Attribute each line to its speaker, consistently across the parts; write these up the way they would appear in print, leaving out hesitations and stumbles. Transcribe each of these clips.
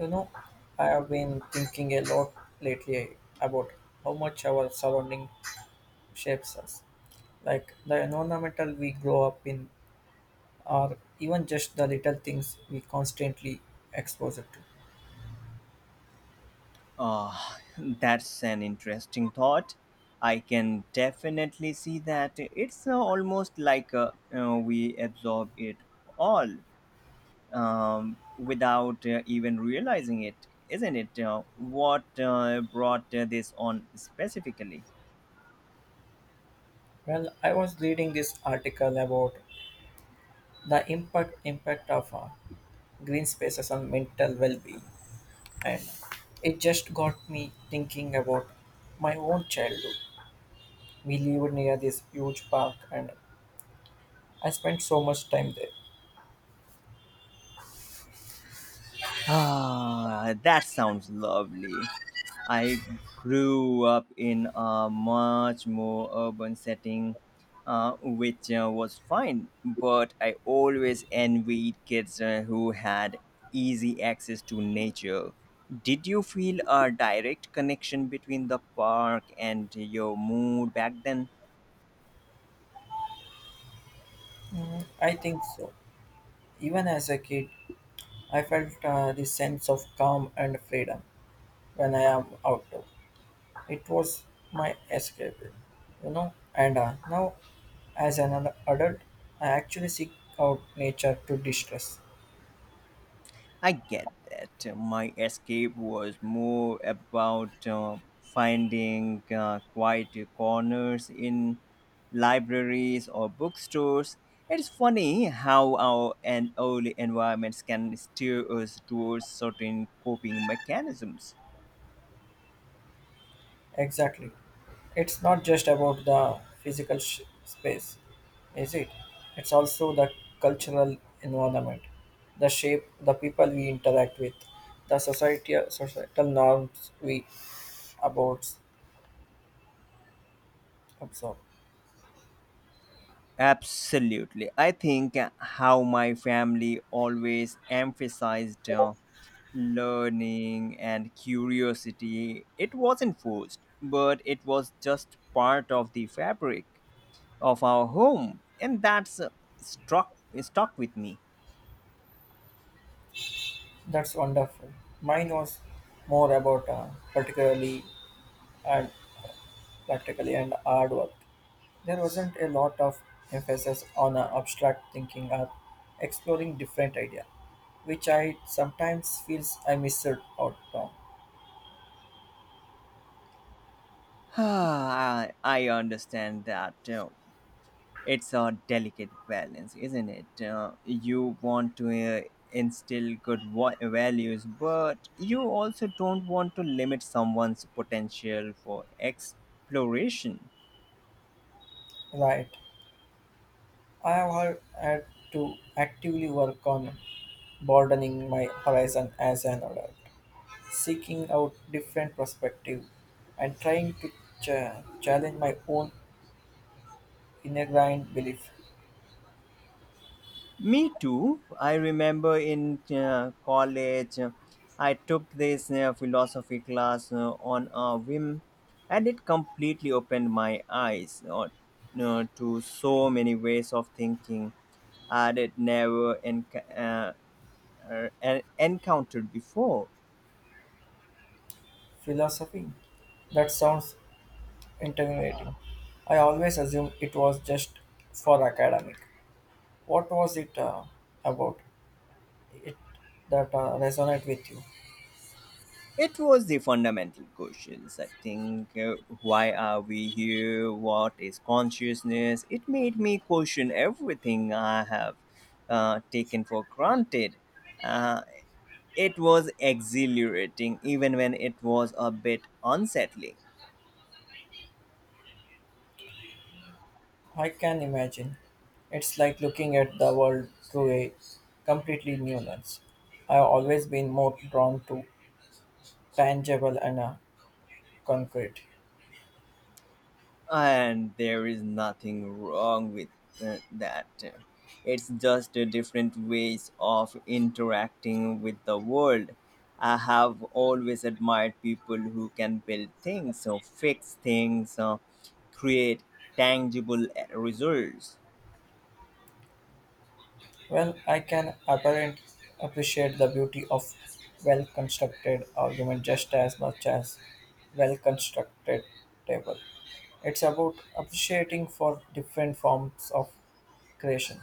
Speaker 1: You know, I have been thinking a lot lately about how much our surrounding shapes us. Like the environmental we grow up in, or even just the little things we constantly expose it to.
Speaker 2: Uh, that's an interesting thought. I can definitely see that. It's almost like we absorb it all without even realizing it, isn't it? What brought this on specifically?
Speaker 1: Well, I was reading this article about the impact of green spaces on mental well-being, and it just got me thinking about my own childhood. We lived near this huge park, and I spent so much time there.
Speaker 2: Ah, that sounds lovely. I grew up in a much more urban setting, which was fine, but I always envied kids who had easy access to nature. Did you feel a direct connection between the park and your mood back then?
Speaker 1: I think so. Even as a kid, I felt this sense of calm and freedom when I am outdoor. It was my escape, you know. And now, as an adult, I actually seek out nature to distress.
Speaker 2: I get that. My escape was more about finding quiet corners in libraries or bookstores. It's funny how our and early environments can steer us towards certain coping mechanisms.
Speaker 1: Exactly. It's not just about the physical space, is it? It's also the cultural environment, the shape, the people we interact with, the society, societal norms we about absorb.
Speaker 2: Absolutely. I think how my family always emphasized learning and curiosity. It wasn't forced, but it was just part of the fabric of our home, and that's struck stuck with me.
Speaker 1: That's wonderful. Mine was more about particularly and practically and hard work. There wasn't a lot of emphasis on abstract thinking or exploring different idea, which I sometimes feels I missed out on.
Speaker 2: I understand that. It's a delicate balance, isn't it? You want to instill good values, but you also don't want to limit someone's potential for exploration.
Speaker 1: Right. I have had to actively work on broadening my horizon as an adult, seeking out different perspective and trying to challenge my own ingrained belief,
Speaker 2: Me too. I remember in college, I took this philosophy class on a whim, and it completely opened my eyes to so many ways of thinking I had never encountered before.
Speaker 1: philosophy. That sounds intimidating. I always assumed it was just for academic. What was it about it that resonate with you?
Speaker 2: It was the fundamental questions. I think, why are we here? What is consciousness? It made me question everything I have taken for granted. Uh, it was exhilarating, even when it was a bit unsettling.
Speaker 1: I can imagine. It's like looking at the world through a completely new lens. I've always been more drawn to tangible and concrete.
Speaker 2: And there is nothing wrong with that. It's just a different ways of interacting with the world. I have always admired people who can build things, so fix things, create tangible results.
Speaker 1: Well, I can apparent appreciate the beauty of well constructed argument just as much as well constructed table. It's about appreciating for different forms of creation.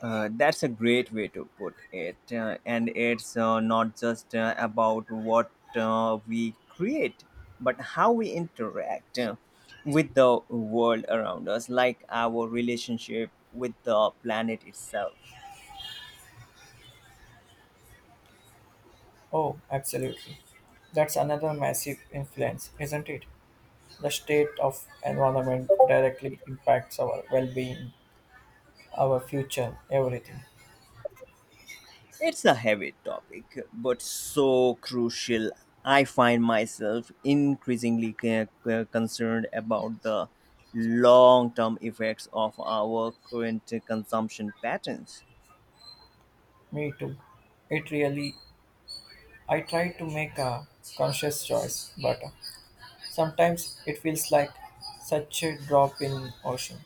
Speaker 2: That's a great way to put it. And it's not just about what we create, but how we interact with the world around us, like our relationship with the planet itself.
Speaker 1: Oh, absolutely. That's another massive influence, isn't it? The state of environment directly impacts our well-being, our future, everything.
Speaker 2: It's a heavy topic, but so crucial. I find myself increasingly concerned about the long term effects of our current consumption patterns.
Speaker 1: Me too. It really, I try to make a conscious choice, but sometimes it feels like such a drop in ocean.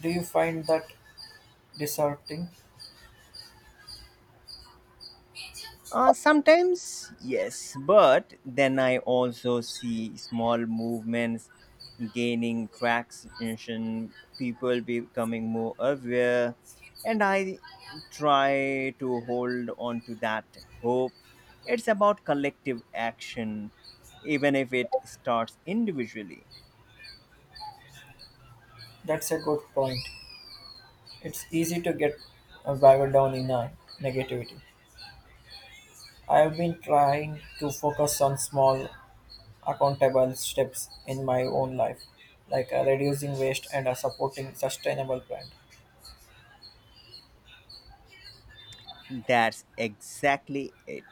Speaker 1: Do you find that disheartening?
Speaker 2: Sometimes, yes, but then I also see small movements gaining traction, people becoming more aware, and I try to hold on to that hope. It's about collective action, even if it starts individually.
Speaker 1: That's a good point. It's easy to get bogged down in negativity. I have been trying to focus on small, accountable steps in my own life, like reducing waste and supporting sustainable brand,
Speaker 2: That's exactly it.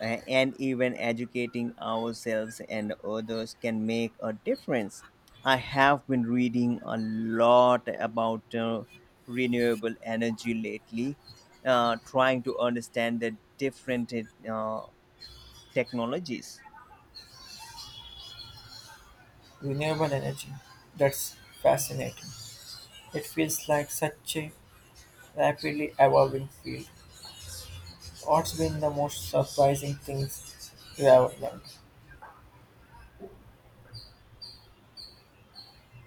Speaker 2: And even educating ourselves and others can make a difference. I have been reading a lot about renewable energy lately, trying to understand the different uh, technologies.
Speaker 1: renewable energy. That's fascinating. It feels like such a rapidly evolving field. What's been the most surprising things you have learned?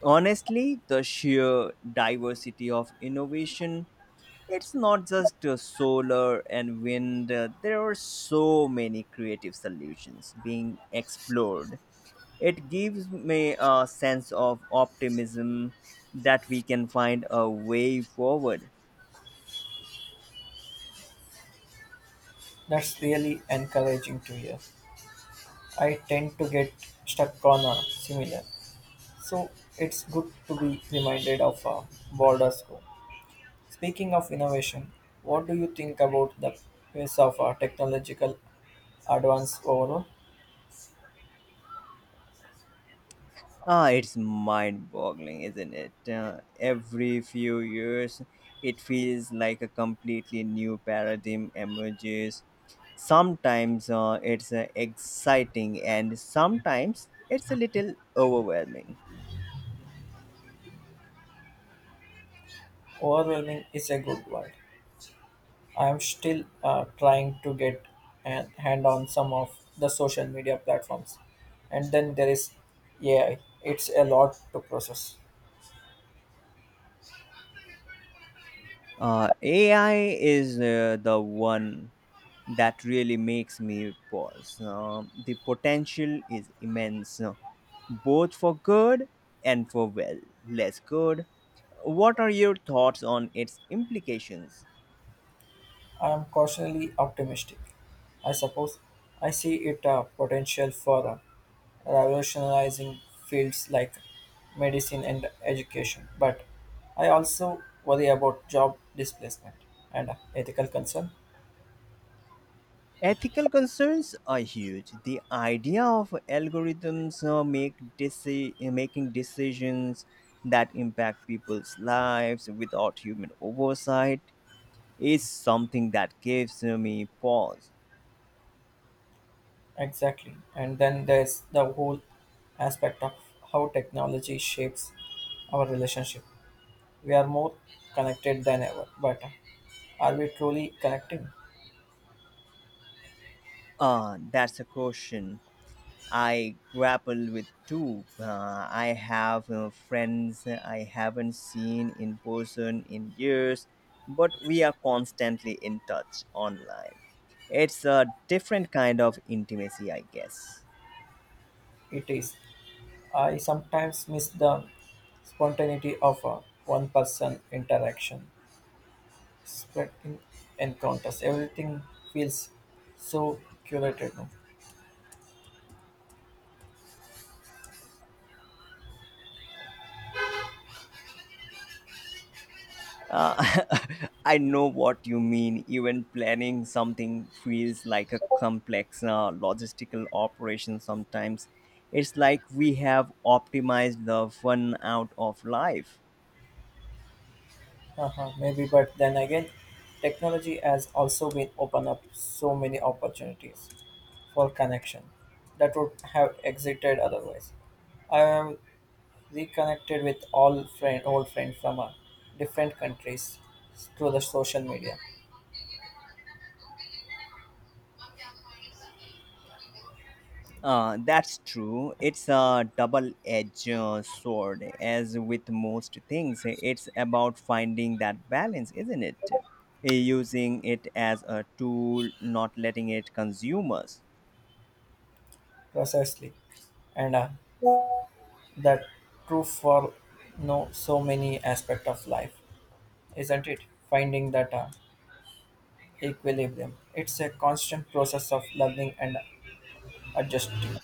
Speaker 2: Honestly, the sheer diversity of innovation. It's not just solar and wind, there are so many creative solutions being explored. It gives me a sense of optimism that we can find a way forward.
Speaker 1: That's really encouraging to hear. I tend to get stuck on a similar, so it's good to be reminded of a broader scope. Speaking of innovation, what do you think about the pace of our technological advance overall?
Speaker 2: Ah, it's mind boggling, isn't it? Every few years, it feels like a completely new paradigm emerges. Sometimes it's exciting and sometimes it's a little overwhelming.
Speaker 1: Overwhelming is a good word. I'm still trying to get a hand on some of the social media platforms. And then there is AI. It's a lot to process.
Speaker 2: AI is the one that really makes me pause. The potential is immense, both for good and for, well, less good. What are your thoughts on its implications?
Speaker 1: I am cautiously optimistic. I suppose I see it a potential for revolutionizing fields like medicine and education, but I also worry about job displacement and ethical concern.
Speaker 2: Ethical concerns are huge. The idea of algorithms making decisions that impact people's lives without human oversight is something that gives me pause.
Speaker 1: Exactly. And then there's the whole aspect of how technology shapes our relationship. We are more connected than ever, but are we truly connecting?
Speaker 2: That's a question I grapple with too. I have friends I haven't seen in person in years, but we are constantly in touch online. It's a different kind of intimacy, I guess.
Speaker 1: It is. I sometimes miss the spontaneity of a one person interaction, spreading encounters. Everything feels so curated now.
Speaker 2: Uh, I know what you mean. Even planning something feels like a complex logistical operation sometimes. It's like we have optimized the fun out of life.
Speaker 1: Uh-huh, maybe, but then again, technology has also been opened up so many opportunities for connection that would have existed otherwise. I have reconnected with old friends from different countries through the social media,
Speaker 2: That's true. It's a double edged sword. As with most things, it's about finding that balance, isn't it? Using it as a tool, not letting it consume us.
Speaker 1: precisely, and that true for no so many aspect of life, isn't it? Finding that equilibrium, it's a constant process of learning and adjusting.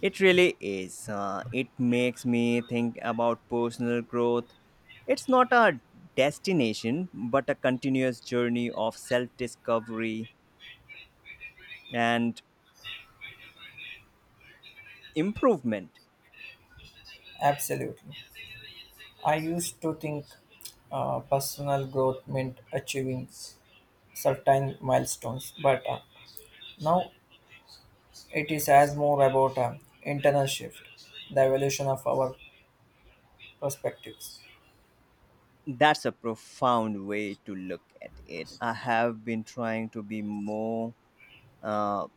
Speaker 2: It really is. It makes me think about personal growth. It's not a destination, but a continuous journey of self discovery and improvement.
Speaker 1: Absolutely, I used to think personal growth meant achieving certain milestones, but now it is as more about internal shift, the evolution of our perspectives,
Speaker 2: That's a profound way to look at it. I have been trying to be more uh,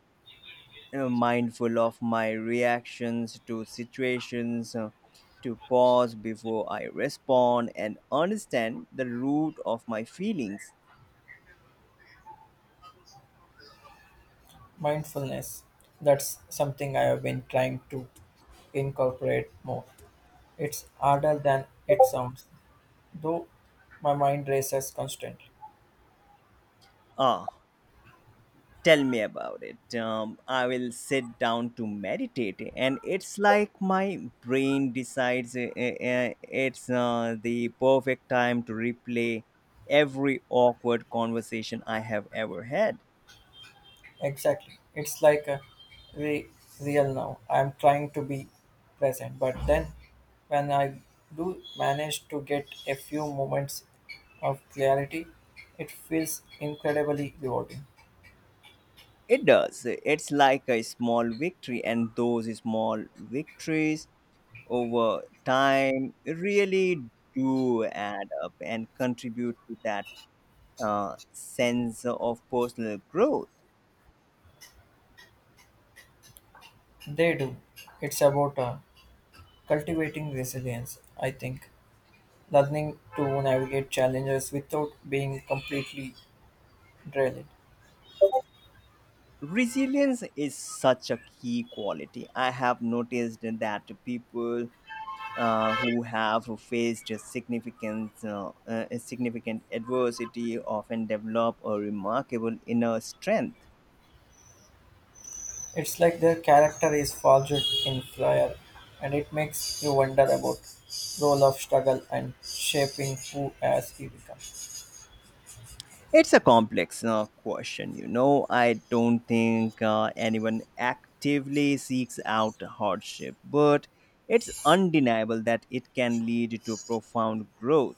Speaker 2: mindful of my reactions to situations, to pause before I respond and understand the root of my feelings.
Speaker 1: mindfulness. That's something I have been trying to incorporate more. It's harder than it sounds, though my mind races constantly.
Speaker 2: Ah, tell me about it. I will sit down to meditate, and it's like my brain decides it's the perfect time to replay every awkward conversation I have ever had.
Speaker 1: Exactly. It's like a re- real now. I'm trying to be present, but then when I do manage to get a few moments of clarity, it feels incredibly rewarding.
Speaker 2: It does. It's like a small victory, and those small victories over time really do add up and contribute to that sense of personal growth.
Speaker 1: They do. It's about cultivating resilience, I think, learning to navigate challenges without being completely drilled.
Speaker 2: Resilience is such a key quality. I have noticed that people who have faced significant adversity often develop a remarkable inner strength.
Speaker 1: It's like their character is forged in fire, and it makes you wonder about role of struggle and shaping who as he becomes.
Speaker 2: It's a complex question. You know, I don't think anyone actively seeks out hardship, but it's undeniable that it can lead to profound growth.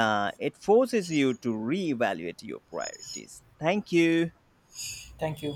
Speaker 2: It forces you to reevaluate your priorities. Thank you.
Speaker 1: Thank you.